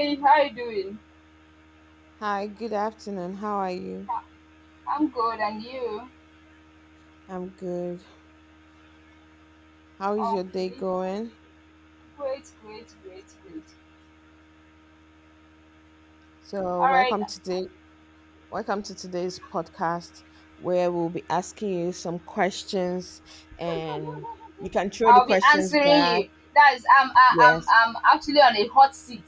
Hey, how you doing? Hi, good afternoon. How are you? I'm good, and you? I'm good. How is your day Okay, going? great. So, All right, welcome today. Welcome to today's podcast where we'll be asking you some questions and you can throw the I'll be questions answering back. you. That is, Yes. I'm actually on a hot seat.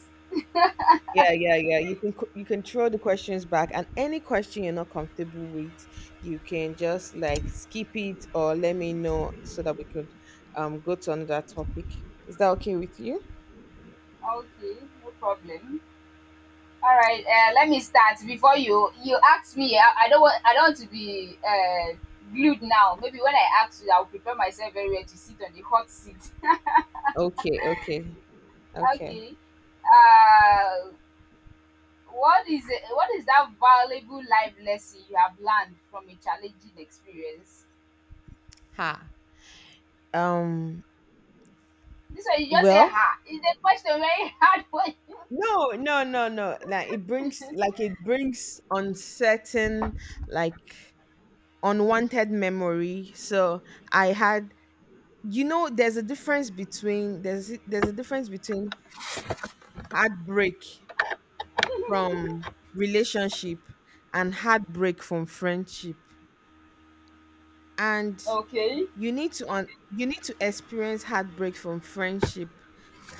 Yeah, yeah, yeah. You can throw the questions back, and any question you're not comfortable with, you can just like skip it or let me know so that we could go to another topic. Is that okay with you? Okay, no problem. All right, let me start. Before you ask me. I don't want, I don't want to be glued now. Maybe when I ask you, I'll prepare myself very well to sit on the hot seat. Okay, okay. Okay. Okay. Uh, what is that valuable life lesson you have learned from a challenging experience? Ha. Um, This one you just say well, ha. It's a question very hard for you. no, no, no, no. Like it brings uncertain, like unwanted memory. So I had, you know, there's a difference between there's a difference between heartbreak from relationship and heartbreak from friendship, and Okay. you need to un, you need to experience heartbreak from friendship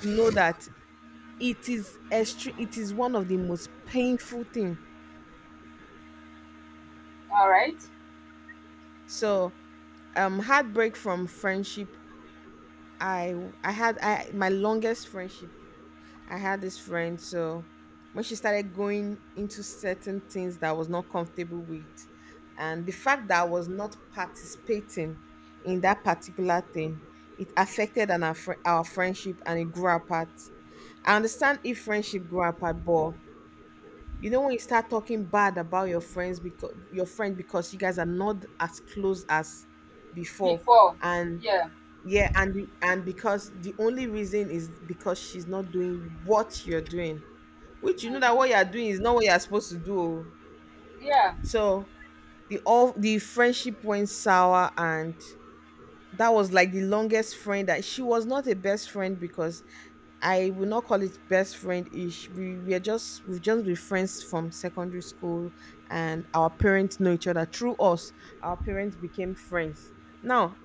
to know that it is one of the most painful thing. All right. So heartbreak from friendship, I I had I my longest friendship, I had this friend. So when she started going into certain things that I was not comfortable with, and the fact that I was not participating in that particular thing, it affected and our friendship, and it grew apart. I understand if friendship grew apart, but you know, when you start talking bad about your friends, because your friend because you guys are not as close as before, Before. and Yeah. yeah, and because the only reason is because she's not doing what you're doing, which you know that Mm-hmm. what you're doing is not what you're supposed to do. Oh. Yeah. So the all the friendship went sour, and that was like the longest friend. That she was not a best friend, because I will not call it best friend ish. We've just been friends from secondary school, and our parents know each other through us. Our parents became friends. Now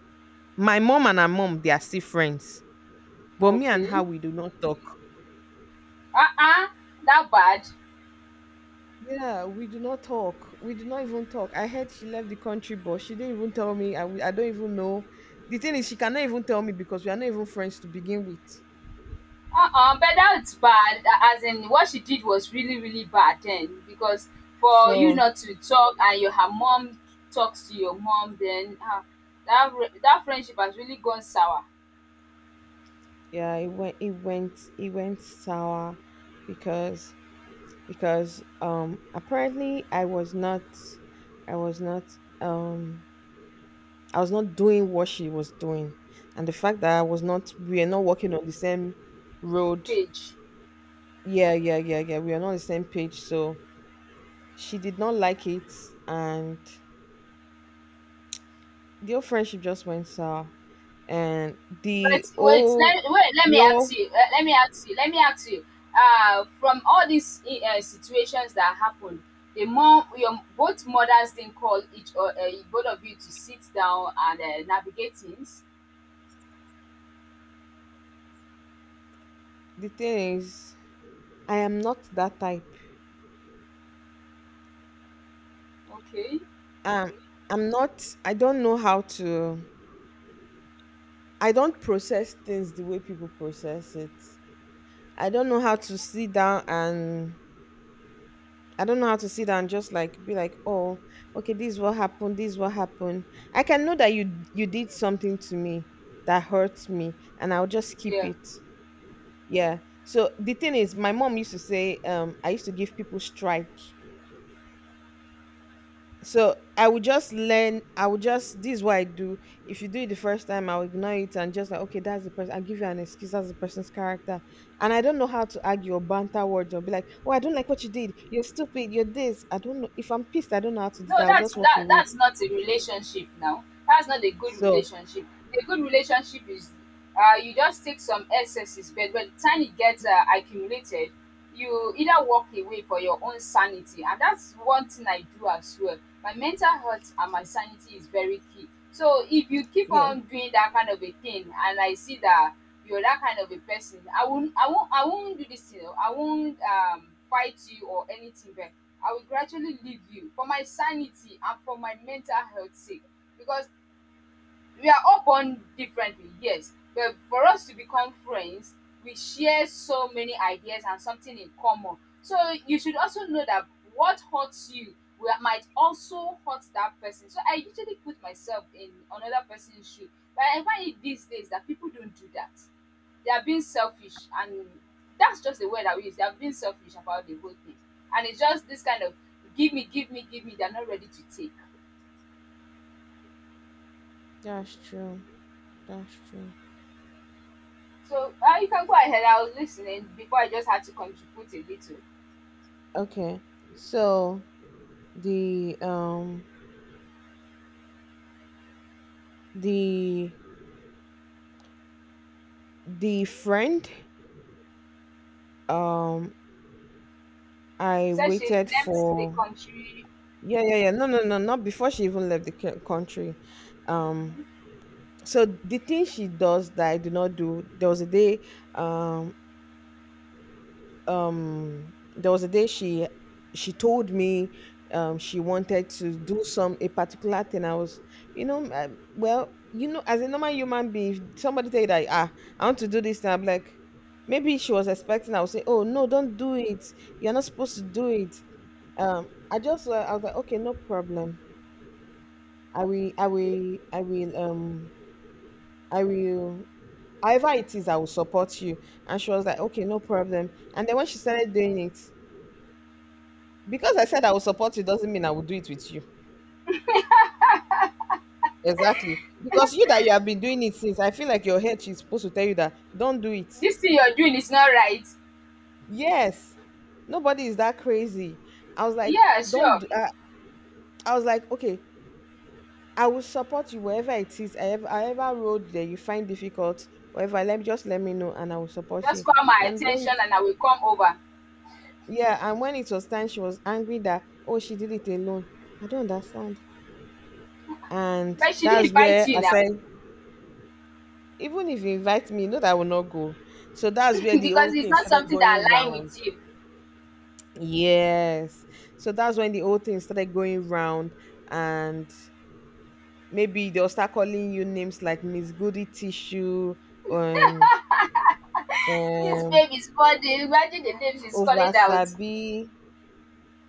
my mom and her mom, they are still friends, but me and Okay. her, we do not talk. Uh-uh. That bad. Yeah, we do not talk. We do not even talk. I heard she left the country, but she didn't even tell me. I don't even know. The thing is, she cannot even tell me because we are not even friends to begin with. Uh-uh. But that's bad. As in what she did was really, really bad then. Because for you So not to talk and your her mom talks to your mom then ah, that that friendship has really gone sour. yeah, it went sour because apparently I was not um I was not doing what she was doing. And the fact that I was not we are not walking on the same road. Page. Yeah, yeah, yeah, yeah. We are not on the same page. So she did not like it, and the old friendship just went sour. And But the old let me the ask old you, let me ask you. From all these situations that happened, the mom, your both mothers didn't call each or both of you to sit down and navigate things. the thing is, I am not that type. Okay. Um I don't know how to, I don't process things the way people process it. I don't know how to sit down and I don't know how to sit down and just like be like, oh, okay, this is what happened, this is what happened. I can know that you did something to me that hurts me, and I'll just keep Yeah. it. Yeah. So the thing is, my mom used to say, I used to give people strike. So I would just learn. I would just this is what I do. If you do it the first time, I'll ignore it and just like, okay, that's the person. I'll give you an excuse. That's the person's character. And I don't know how to argue or banter words or be like, oh, I don't like what you did. You're stupid. You're this. I don't know. If I'm pissed, I don't know how to do No, that. I'll that's just walk that away. that's not a relationship now. That's not a good So relationship. A good relationship is you just take some excesses, but by the time it gets accumulated, you either walk away for your own sanity, and that's one thing I do as well. My mental health and my sanity is very key. So if you keep yeah, on doing that kind of a thing and I see that you're that kind of a person, I won't do this thing. Oh, I won't fight you or anything, but I will gradually leave you for my sanity and for my mental health sake. Because we are all born differently, yes, but for us to become friends, we share so many ideas and something in common. So you should also know that what hurts you will, might also hurt that person. So I usually put myself in another person's shoe, but I find it these days that people don't do that. They are being selfish, and that's just the word I use. They are being selfish about the whole thing, and it's just this kind of give me, give me, give me. They're not ready to take. that's true. That's true. So you can go ahead. I was listening before, I just had to contribute a little. You Okay. So the um the the friend, um I said she waited left the for, country. yeah, yeah, yeah, no, no, no, not before she even country. Um, so the thing she does that I do not do, there was a day, um, there was a day she told me she wanted to do some a particular thing. I was, you know, I, well, you know, as a normal human being, if somebody tell you that, ah, I want to do this, and I'm like, maybe she was expecting, I would say, oh no, don't do it. You're not supposed to do it. I just, I was like, okay, no problem. I will, I Okay. will, I will, um, I will, however it is, I will support you. And she was like, okay, no problem. And then when she started doing it, because I said I will support you doesn't mean I will do it with you. Exactly. Because you that you have been doing it since, I feel like your head is supposed to tell you that don't do it. This thing you're doing is not right. Yes. Nobody is that crazy. I was like, Yeah, don't, sure. do, I was like, okay, I will support you wherever it is. I ever road that you find difficult, wherever, let me know and I will support Just you. call my And when attention and I will come over. Yeah, and when it was time, she was angry that, oh, she did it alone. I don't understand. And But she didn't that's invite where you I now. said, even if you invite me, you know that I will not go. So that's where the whole Because it's thing not started something that going align round. with you. Yes. So that's when the whole thing started going round. And maybe they'll start calling you names like Miss Goody Tissue, um, This um, babe is body. Imagine the name she's calling out. Ovasabi.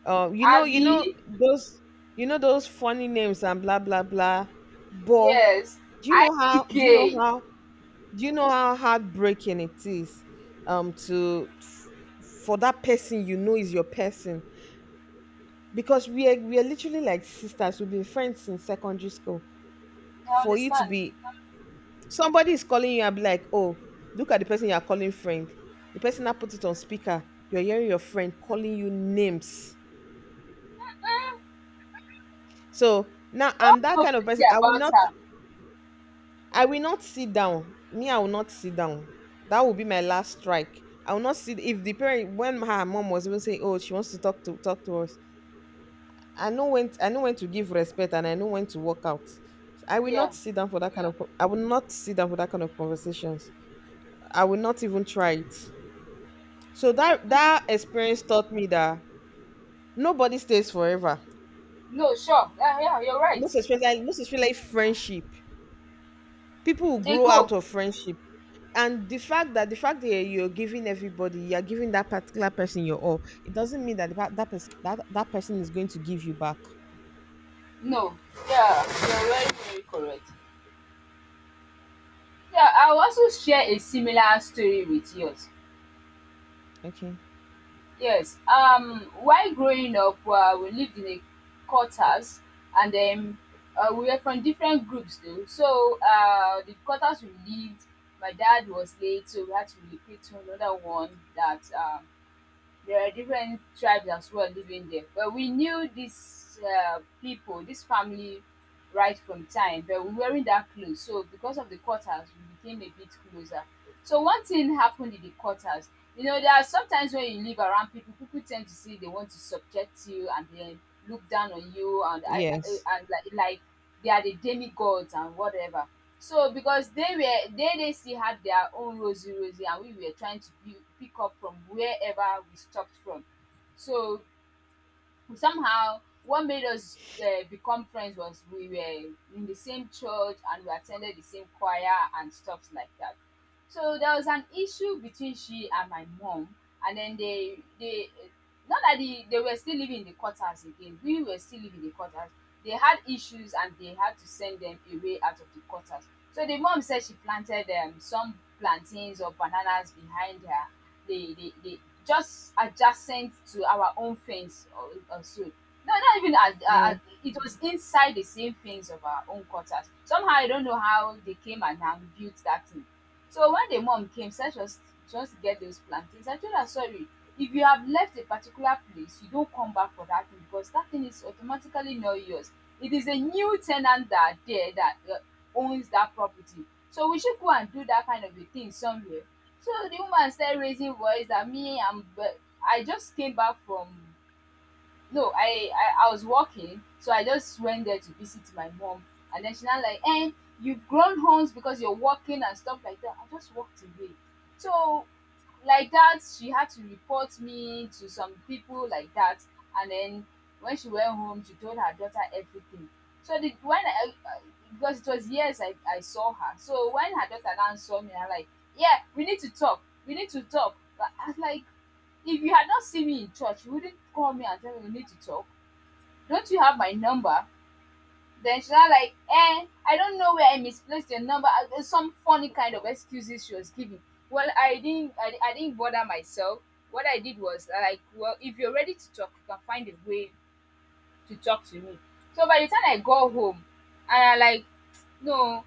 You know, Abby, you know those funny names and blah blah blah. But yes. do you know how? Do you know IDK. how? Do you know how heartbreaking it is? Um, to f- for that person you know is your person, because we are literally like sisters. We've been friends since secondary school. I For you to understand. be, somebody is calling you and be like, oh, look at the person you are calling friend. The person that put it on speaker. You're hearing your friend calling you names. Mm, So now that I'm was that so kind of pretty person. About her. I will not sit down. Me, I will not sit down. That will be my last strike. I will not sit if the parent when her mom was even saying, oh, she wants to talk to us. I know when to give respect and I know when to walk out. So, I will Yeah. not sit down for that kind of co- I will not sit down for that kind of conversations. I will not even try it. So that experience taught me that nobody stays forever. No, sure. Yeah, yeah, you're right. Most especially friendship. People will They grow go. out of friendship. And the fact that you're giving everybody, you're giving that particular person your all, it doesn't mean that that person, that person is going to give you back. No. Yeah, you're very, very correct. Yeah, I'll also share a similar story with yours. Okay. Yes. While growing up, we lived in a quarters, and then we were from different groups though. So the quarters we lived, my dad was late, so we had to recruit to another one that there are different tribes as well living there. But we knew these people, this family, right from time, but we weren't that close. So because of the quarters, we became a bit closer. So one thing happened in the quarters. You know, there are sometimes when you live around people, people tend to see they want to subject you and then look down on you and I, Yes. I and like they are the demigods and whatever. So because they were they still had their own rosy rosy and we were trying to be, pick up from wherever we stopped from. So somehow what made us become friends was we were in the same church and we attended the same choir and stuff like that. So there was an issue between she and my mom, and then they not that they were still living in the quarters again. We were still living in the quarters. They had issues and they had to send them away out of the quarters. So the mom said she planted some plantains or bananas behind her, they just adjacent to our own fence or so. No, not even as, Yes. it was inside the same fence of our own quarters. Somehow I don't know how they came and built that thing. So when the mom came, Sarah just get those plantains. I told her, sorry, if you have left a particular place, you don't come back for that thing because that thing is automatically not yours. It is a new tenant that are there that owns that property. So we should go and do that kind of a thing somewhere. So the woman started raising voice that me, I'm, but I just came back from no, I was working so I just went there to visit my mom, and then she's not like, eh, you've grown horns because you're working and stuff like that. I just walked away. So like that she had to report me to some people like that, and then when she went home she told her daughter everything. So the when I- because it was years i saw her, so when her daughter now saw me, I like, yeah, we need to talk. But I was like, if you had not seen me in church, you wouldn't call me and tell me we need to talk. Don't you have my number? Then she was like, eh, I don't know where I misplaced your number. Some funny kind of excuses she was giving. Well, I didn't bother myself. What I did was like, well, if you're ready to talk, you can find a way to talk to me. So by the time I got home, and I like, no,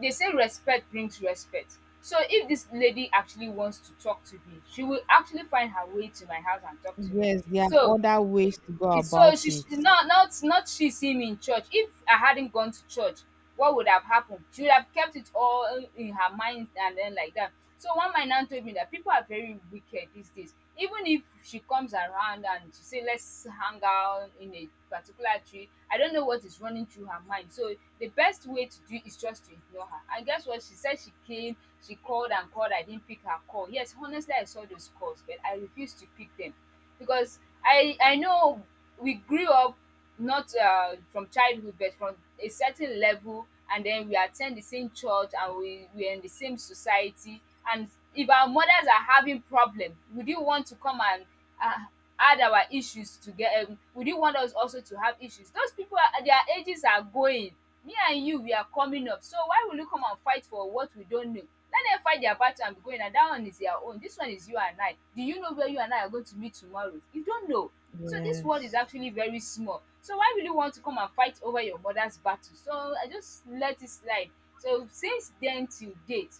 they say respect brings respect, so if this lady actually wants to talk to me she will actually find her way to my house and talk to me. Yes. There are So other ways to go it's so about it. not not not she see me in church. If I hadn't gone to church, what would have happened? She would have kept it all in her mind and then like that. So one my nan told me that people are very wicked these days. Even if she comes around and she say let's hang out in a particular tree, I don't know what is running through her mind. So the best way to do is just to ignore her. And guess what? She said she came, she called and called. I didn't pick her call. Yes, honestly, I saw those calls, but I refused to pick them because I know we grew up not from childhood but from a certain level, and then we attend the same church and we are in the same society, and if our mothers are having problem, would you want to come and uh, had our issues together, would you want us also to have issues? Those people, are their ages are going, me and you we are coming up, so why will you come and fight for what we don't know? Let them fight their battle and be going, and that one is their own, this one is you and i. Do you know where you and I are going to meet tomorrow? You don't know. So this world is Yes. actually very small, so why will you want to come and fight over your mother's battle? So I just let it slide. So since then till date,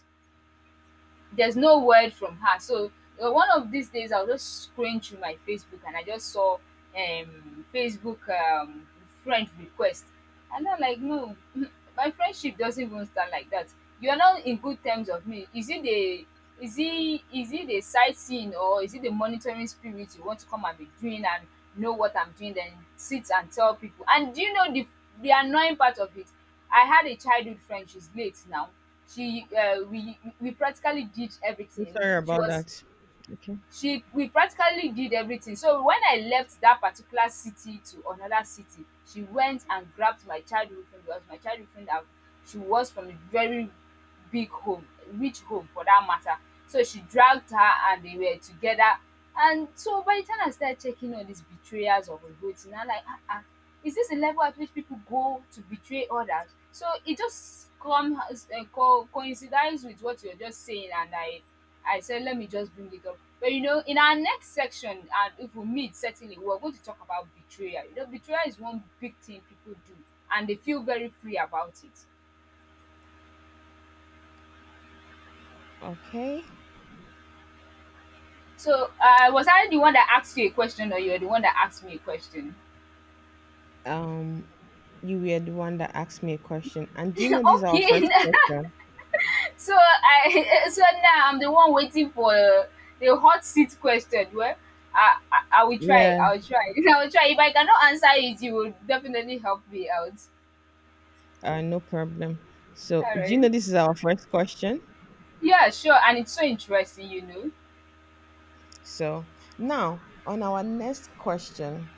there's no word from her. So one of these days, I was just scrolling through my Facebook and I just saw Facebook friend request, and I'm like, no, my friendship doesn't even start like that. You are not in good terms of me. Is it the is it the sightseeing or is it the monitoring spirit you want to come and be doing and know what I'm doing then sit and tell people? And do you know the annoying part of it? I had a childhood friend. She's late now. She we practically did So everything. sorry She about was that. Okay. she we practically did everything. So when I left that particular city to another city, she went and grabbed my childhood friend. Because my childhood friend have she was from a very big home, rich home for that matter. So she dragged her, and they were together. And so by the time I started checking all these betrayers of Ogbo thing, I'm like, ah, ah, is this the level at which people go to betray others? So it just come as co coincides with what you're just saying. And I said, let me just bring it up. But in our next section, and if we meet, certainly we're going to talk about betrayal. Betrayal is one big thing people do, and they feel very free about it. Okay. So, was I the one that asked you a question, or you're the one that asked me a question? Um, you were the one that asked me a question, and do you know this is our Okay, first question? so I so now I'm the one waiting for the hot seat question. Well, I will try. Yeah. I will try. I will try. If I cannot answer it, you will definitely help me out. No problem. So, All do you right. know this is our first question? Yeah, sure. And it's so interesting, you know. So, now on our next question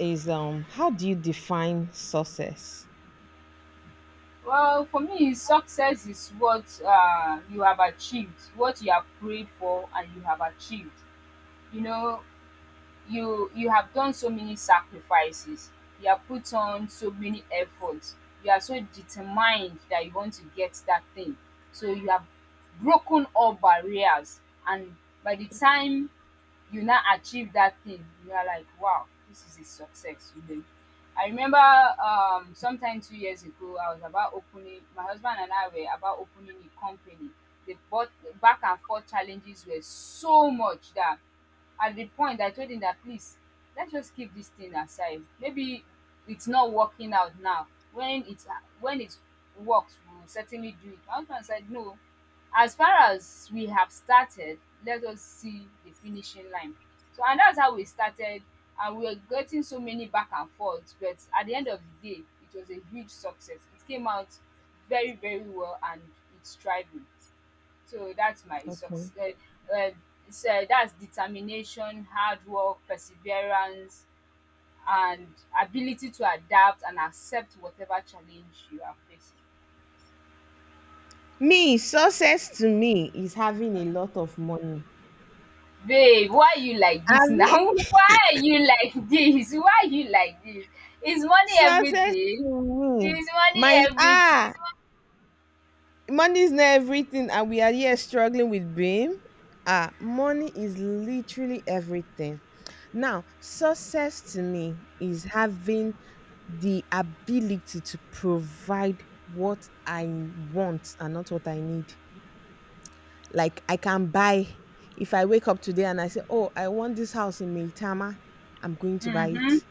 is, how do you define success? Well, for me, success is what you have achieved, what you have prayed for, and you have achieved. You know, you have done so many sacrifices. You have put on so many efforts. You are so determined that you want to get that thing. So you have broken all barriers, and by the time you now achieve that thing, you are like, wow, this is a success, you know. I remember sometime 2 years ago, I was about opening my husband and I were about opening a company. The But back and forth challenges were so much that at the point I told him that, please, let's just keep this thing aside. Maybe it's not working out now. When it's when it works, we will certainly do it. My husband said, no, as far as we have started, let us see the finishing line. So and that's how we started, and we were getting so many back and forth, but at the end of the day, it was a huge success. It came out very, very well, and it's thriving. So that's my success. Okay. Um um it's That's determination, hard work, perseverance, and ability to adapt and accept whatever challenge you are facing. Me, success to me is having a lot of money. Babe, why you like this Abi, now? Why are you like this? Why you like this? Is money success to everything? Is me. money My everything? ah, money is not everything, and we are here struggling with being. Ah, money is literally everything. Now, success to me is having the ability to provide what I want and not what I need. Like I can buy, if I wake up today and I say, "Oh, I want this house in Meitama," I'm going to buy Mhm. it.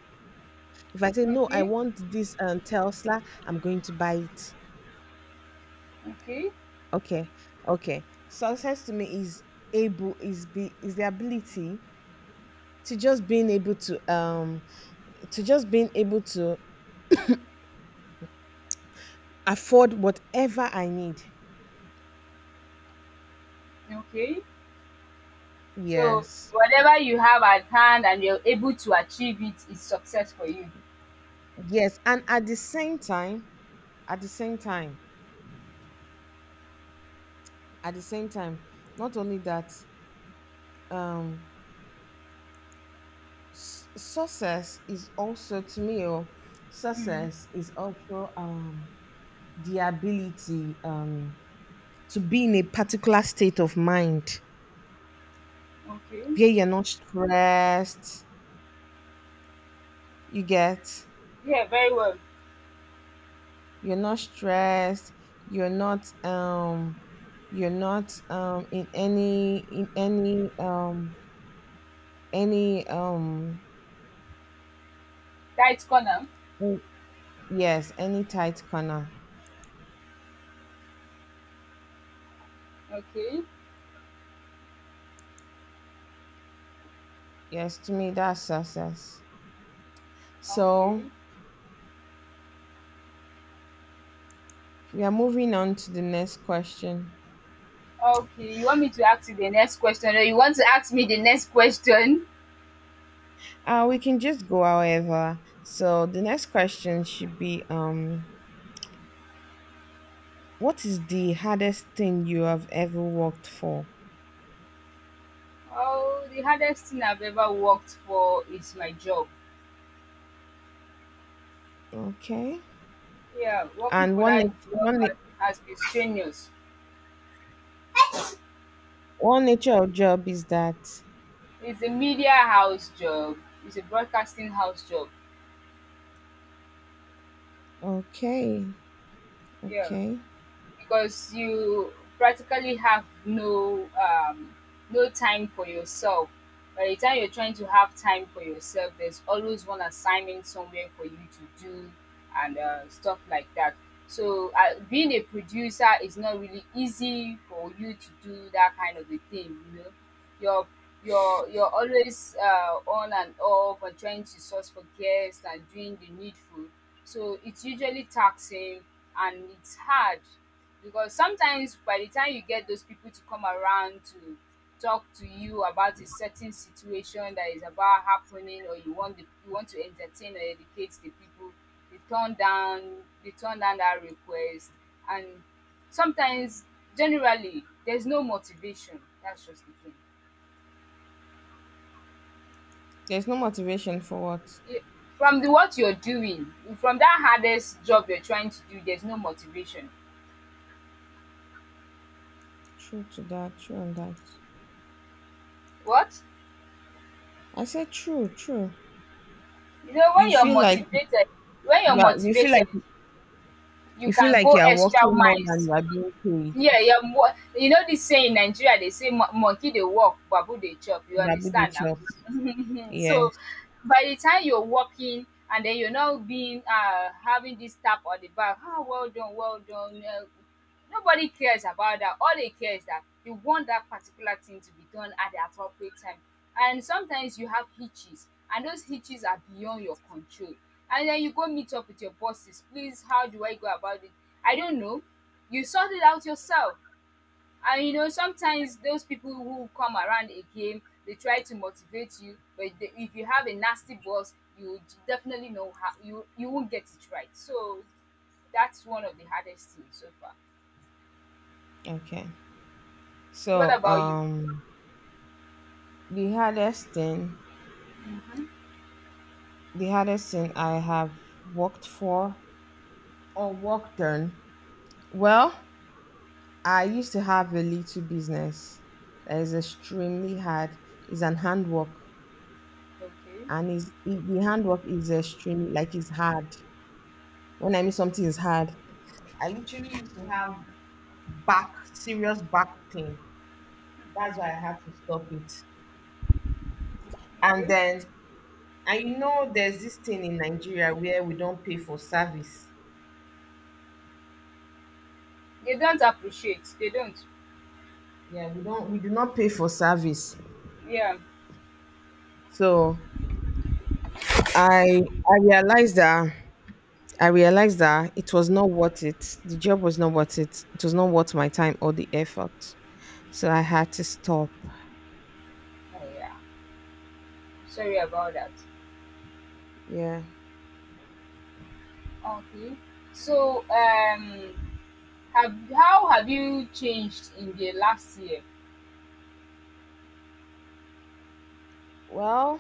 If I say, "No, I Okay. want this Tesla," I'm going to buy it. Okay. Okay, okay. Success to me is able is be is the ability to just being able to just being able to afford whatever I need. Okay. So Yes. whatever you have at hand and you're able to achieve it is success for you. Yes. And at the same time, at the same time, at the same time, not only that, um, success is also to me, oh, Mm. success is also the ability to be in a particular state of mind Okay. where you're not stressed. You get, Yeah, very well. you're not stressed, you're not um you're not in any any um Tight corner. mm, yes, any tight corner. Okay. Yes, to me that's success. So Okay. we are moving on to the next question. Okay. You want me to ask you the next question, or you want to ask me the next question? Uh, we can just go however. So the next question should be, what is the hardest thing you have ever worked for? Oh, the hardest thing I've ever worked for is my job. Okay. Yeah, working And for one that ex- job one has been strenuous. one nature of job is that It's a media house job. It's a broadcasting house job. okay, Yeah. okay. Because you practically have no time for yourself. By the time you're trying to have time for yourself, there's always one assignment somewhere for you to do, and stuff like that. So, being a producer is not really easy for you to do that kind of a thing. You know, you're you're always on and off and trying to source for guests and doing the needful. So it's usually taxing, and it's hard. Because sometimes by the time you get those people to come around to talk to you about a certain situation that is about happening, or you want the you want to entertain or educate the people, they turn down they turn down that request. And sometimes, generally, there's no motivation. That's just the thing. There's no motivation for what? Ye- from the what you're doing, from that hardest job you're trying to do, there's no motivation. True to that, true on that. What? I said true, true. You know, when You you're feel like motivated, when you're you feel motivated like, you you feel can like go you are extra working more than miles. you are being Yeah, paid. yeah. You know this saying in Nigeria, they say, Monkey they walk, babu they chop." You That be the understand now? job. So Yes. by the time you're walking and then you're not being having this tap on the back, ah, well done, well done. Nobody cares about that. All they care is that you want that particular thing to be done at the appropriate time. And sometimes you have hitches, and those hitches are beyond your control. And then you go meet up with your bosses. Please, how do I go about it? I don't know. You sort it out yourself. And you know, sometimes those people who come around again, they try to motivate you, but they, if you have a nasty boss, you would definitely know how you won't get it right. So that's one of the hardest things so far. Okay. What So about you? um the hardest thing the hardest thing I have worked for or worked on. Well, I used to have a little business that is extremely hard. It's an handwork, Okay, and the handwork is extremely like it's hard. When I mean something is okay, hard, I literally used to have back serious back pain. That's why I had to stop it. And okay. then I know there's this thing in Nigeria where we don't pay for service. They don't appreciate. They don't. Yeah, we do not pay for service. Yeah. So I I realized that it was not worth it. The job was not worth it. It was not worth my time or the effort. So I had to stop. Oh, yeah. Sorry about that. Yeah. Okay. So, have how have you changed in the last year? Well,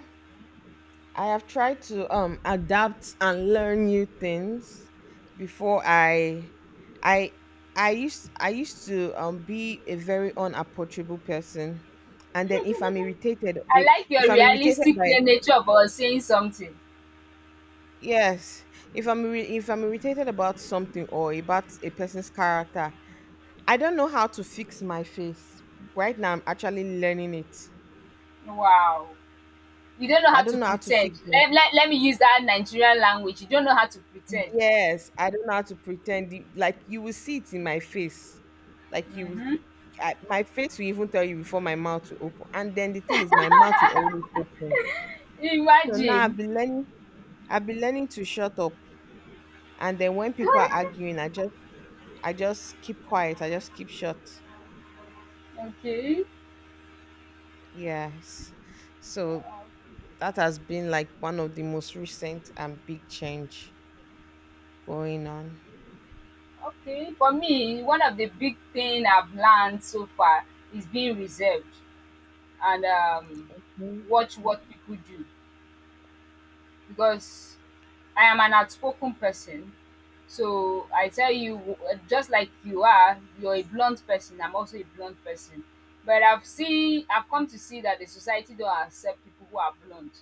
I have tried to adapt and learn new things before I I used to be a very unapproachable person. And then I like your if I'm irritated realistic play nature about saying something. yes, if I'm irritated about something or about a person's character, I don't know how to fix my face. Right now, I'm actually learning it. So Wow. You don't know I how to don't know how to fix pretend. my Let me use that Nigerian language. You don't know how to pretend. yes, I don't know how to pretend. Like you will see it in my face. Like you, will, my face will even tell you before my mouth will open. And then the thing is, my mouth will always open. So now I've Imagine. been learning. I've been learning to shut up. And then when people are arguing, I just keep quiet. I just keep shut. Okay, Yes. So that has been like one of the most recent and big change. Going on. okay. For me, one of the big thing I've learned so far is being reserved. And Mm. watch what people do. Because I am an outspoken person. So I tell you, just like you are, you're a blunt person. I'm also a blunt person, but I've seen, I've come to see that the society don't accept people who are blunt.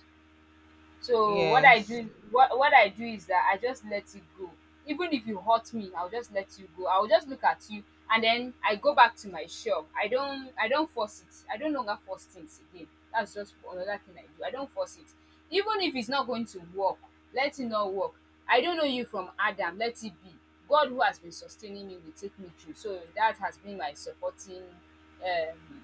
So Yes. What I do is that I just let it go. Even if you hurt me, I'll just let you go. I'll just look at you, and then I go back to my shop. I don't force it. I don't longer force things again. That's just another thing I do. I don't force it. Even if it's not going to work, let it not work. I don't know you from Adam, let it be. God who has been sustaining me will take me through. So that has been my supporting um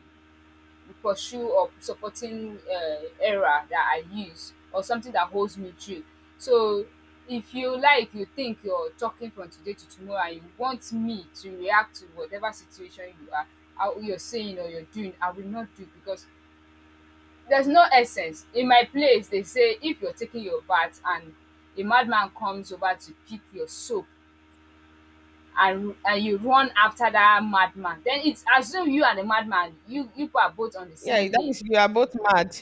pursue or supporting era that I use or something that holds me true. So if you like, you think you're talking from today to tomorrow and you want me to react to whatever situation you are, how you're saying or you're doing, I will not do. Because there's no essence. In my place, they say if you're taking your bath and a madman comes over to pick your soap, and you run after that madman, then it's assume you and the madman, you people are both on the Yeah, same that lane. means you are both mad.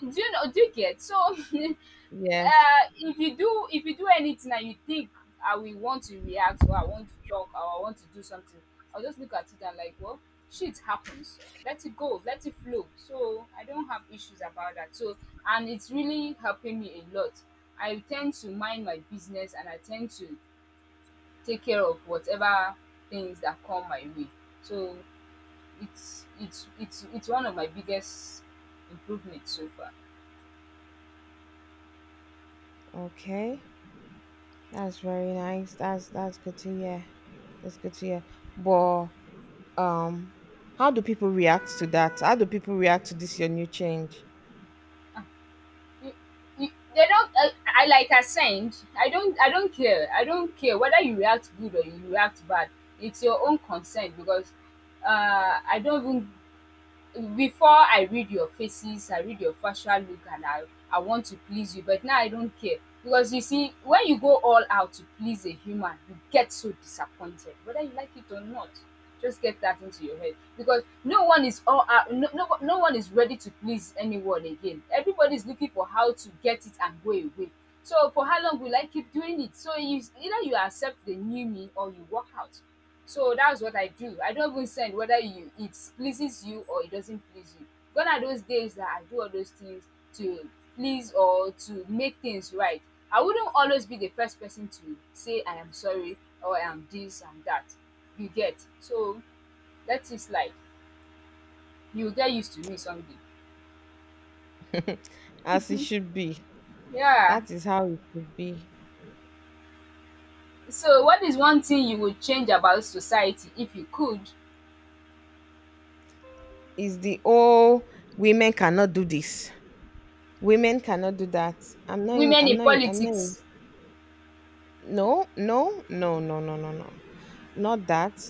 Do you know? Do you get? So, Yes. If you do anything and you think I will want to react, or I want to talk, or I want to do something, I'll just look at it and like, well, shit happens. Let it go. Let it flow. So I don't have issues about that. So and it's really helping me a lot. I tend to mind my business, and I tend to take care of whatever things that come my way. So it's one of my biggest improvements so far. Okay. That's very nice. That's good to hear. That's good to hear. But um how do people react to that? How do people react to this your new change? you, you, they don't. I Like I said, I don't care. I don't care whether you react good or you react bad. It's your own concern. Because I don't even before I read your faces, I read your facial look, and I want to please you, but now I don't care. Because you see, when you go all out to please a human, you get so disappointed, whether you like it or not. Just get that into your head. Because no one is all out. No, no, no one is ready to please anyone again. Everybody's looking for how to get it and go away. So for how long will I keep doing it? So you, either you accept the new me, or you walk out. So that's what I do. I don't even send whether you it pleases you or it doesn't please you. Gone are those days that I do all those things to please or to make things right. I wouldn't always be the first person to say I am sorry, or I am this and that. You get. So let it slide. You'll get used to me someday. As it should be. Yeah. That is how it should be. So what is one thing you would change about society if you could? Is the oh women cannot do this. Women cannot do that. Women in I'm not in, politics, no, no, no, no, no, no, no. Not that.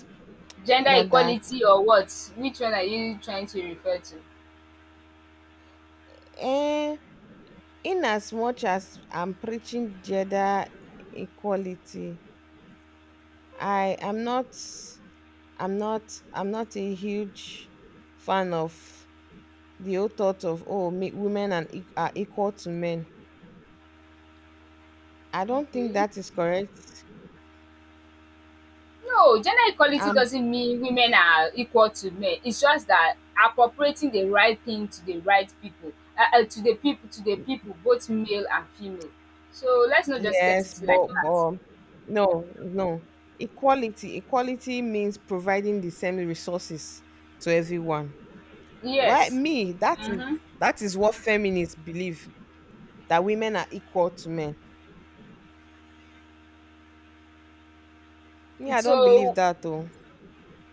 gender Not that. equality, or what? Which one are you trying to refer to? Eh, in as much as I'm preaching gender equality, I am not I'm not I'm not a huge fan of the old thought of oh me, women and e- are equal to men. I don't think Okay. that is correct. No, gender equality Um doesn't mean women are equal to men. It's just that appropriating the right thing to the right people, to the people, to the people, both male and female. So let's not just get yes, it like but that. No, no. Equality means providing the same resources to everyone. Why Yes. me? Mm-hmm. That is what feminists believe. That women are equal to men. Me, I don't believe So that though.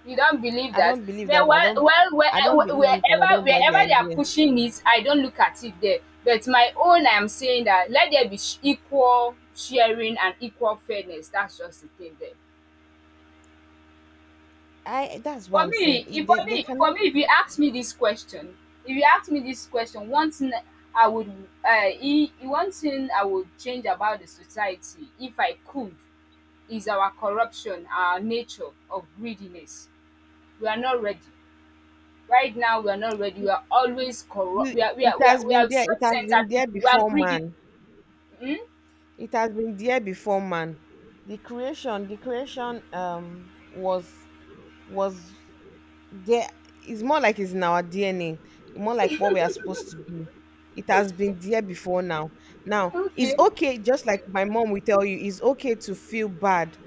you don't believe I that? don't believe Well, that. Well, well I don't wherever believe it and I don't buy the they are idea. pushing it, I don't look at it there. But my own, I am saying that let there be equal sharing and equal fairness. That's just the thing there. I that's what For I'm saying. me, if for They me, for cannot me, if you ask me this question, if you ask me this question, one thing I would, one thing I would change about the society, if I could, is our corruption, our nature of greediness. We are not ready. Right now, we are not ready. We are always you corrupt. It has We been are there, it has been self-centered there people. We are before man. greedy. It has been there before man. The creation was was there it's more like it's in our DNA, more like what we are supposed to be. It has been there before now. Now, it's Okay, okay, just like my mom will tell you, it's okay to feel bad.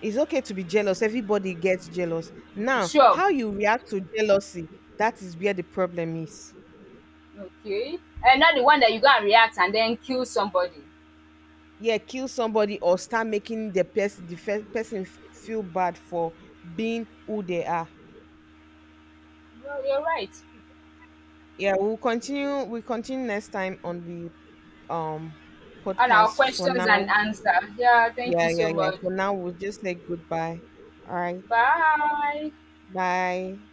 It's okay to be jealous. Everybody gets jealous. Now, sure. how you react to jealousy, that is where the problem is. Okay, and not the one that you go and react and then kill somebody. Yeah, kill somebody or start making the person the fe- feel bad for being who they are. Well, you're right. Yeah, we'll continue. We will continue next time on the um And our podcast. For questions and now, answer. Yeah, thank you so yeah. much. For now, we'll just say goodbye. All right, Bye. bye.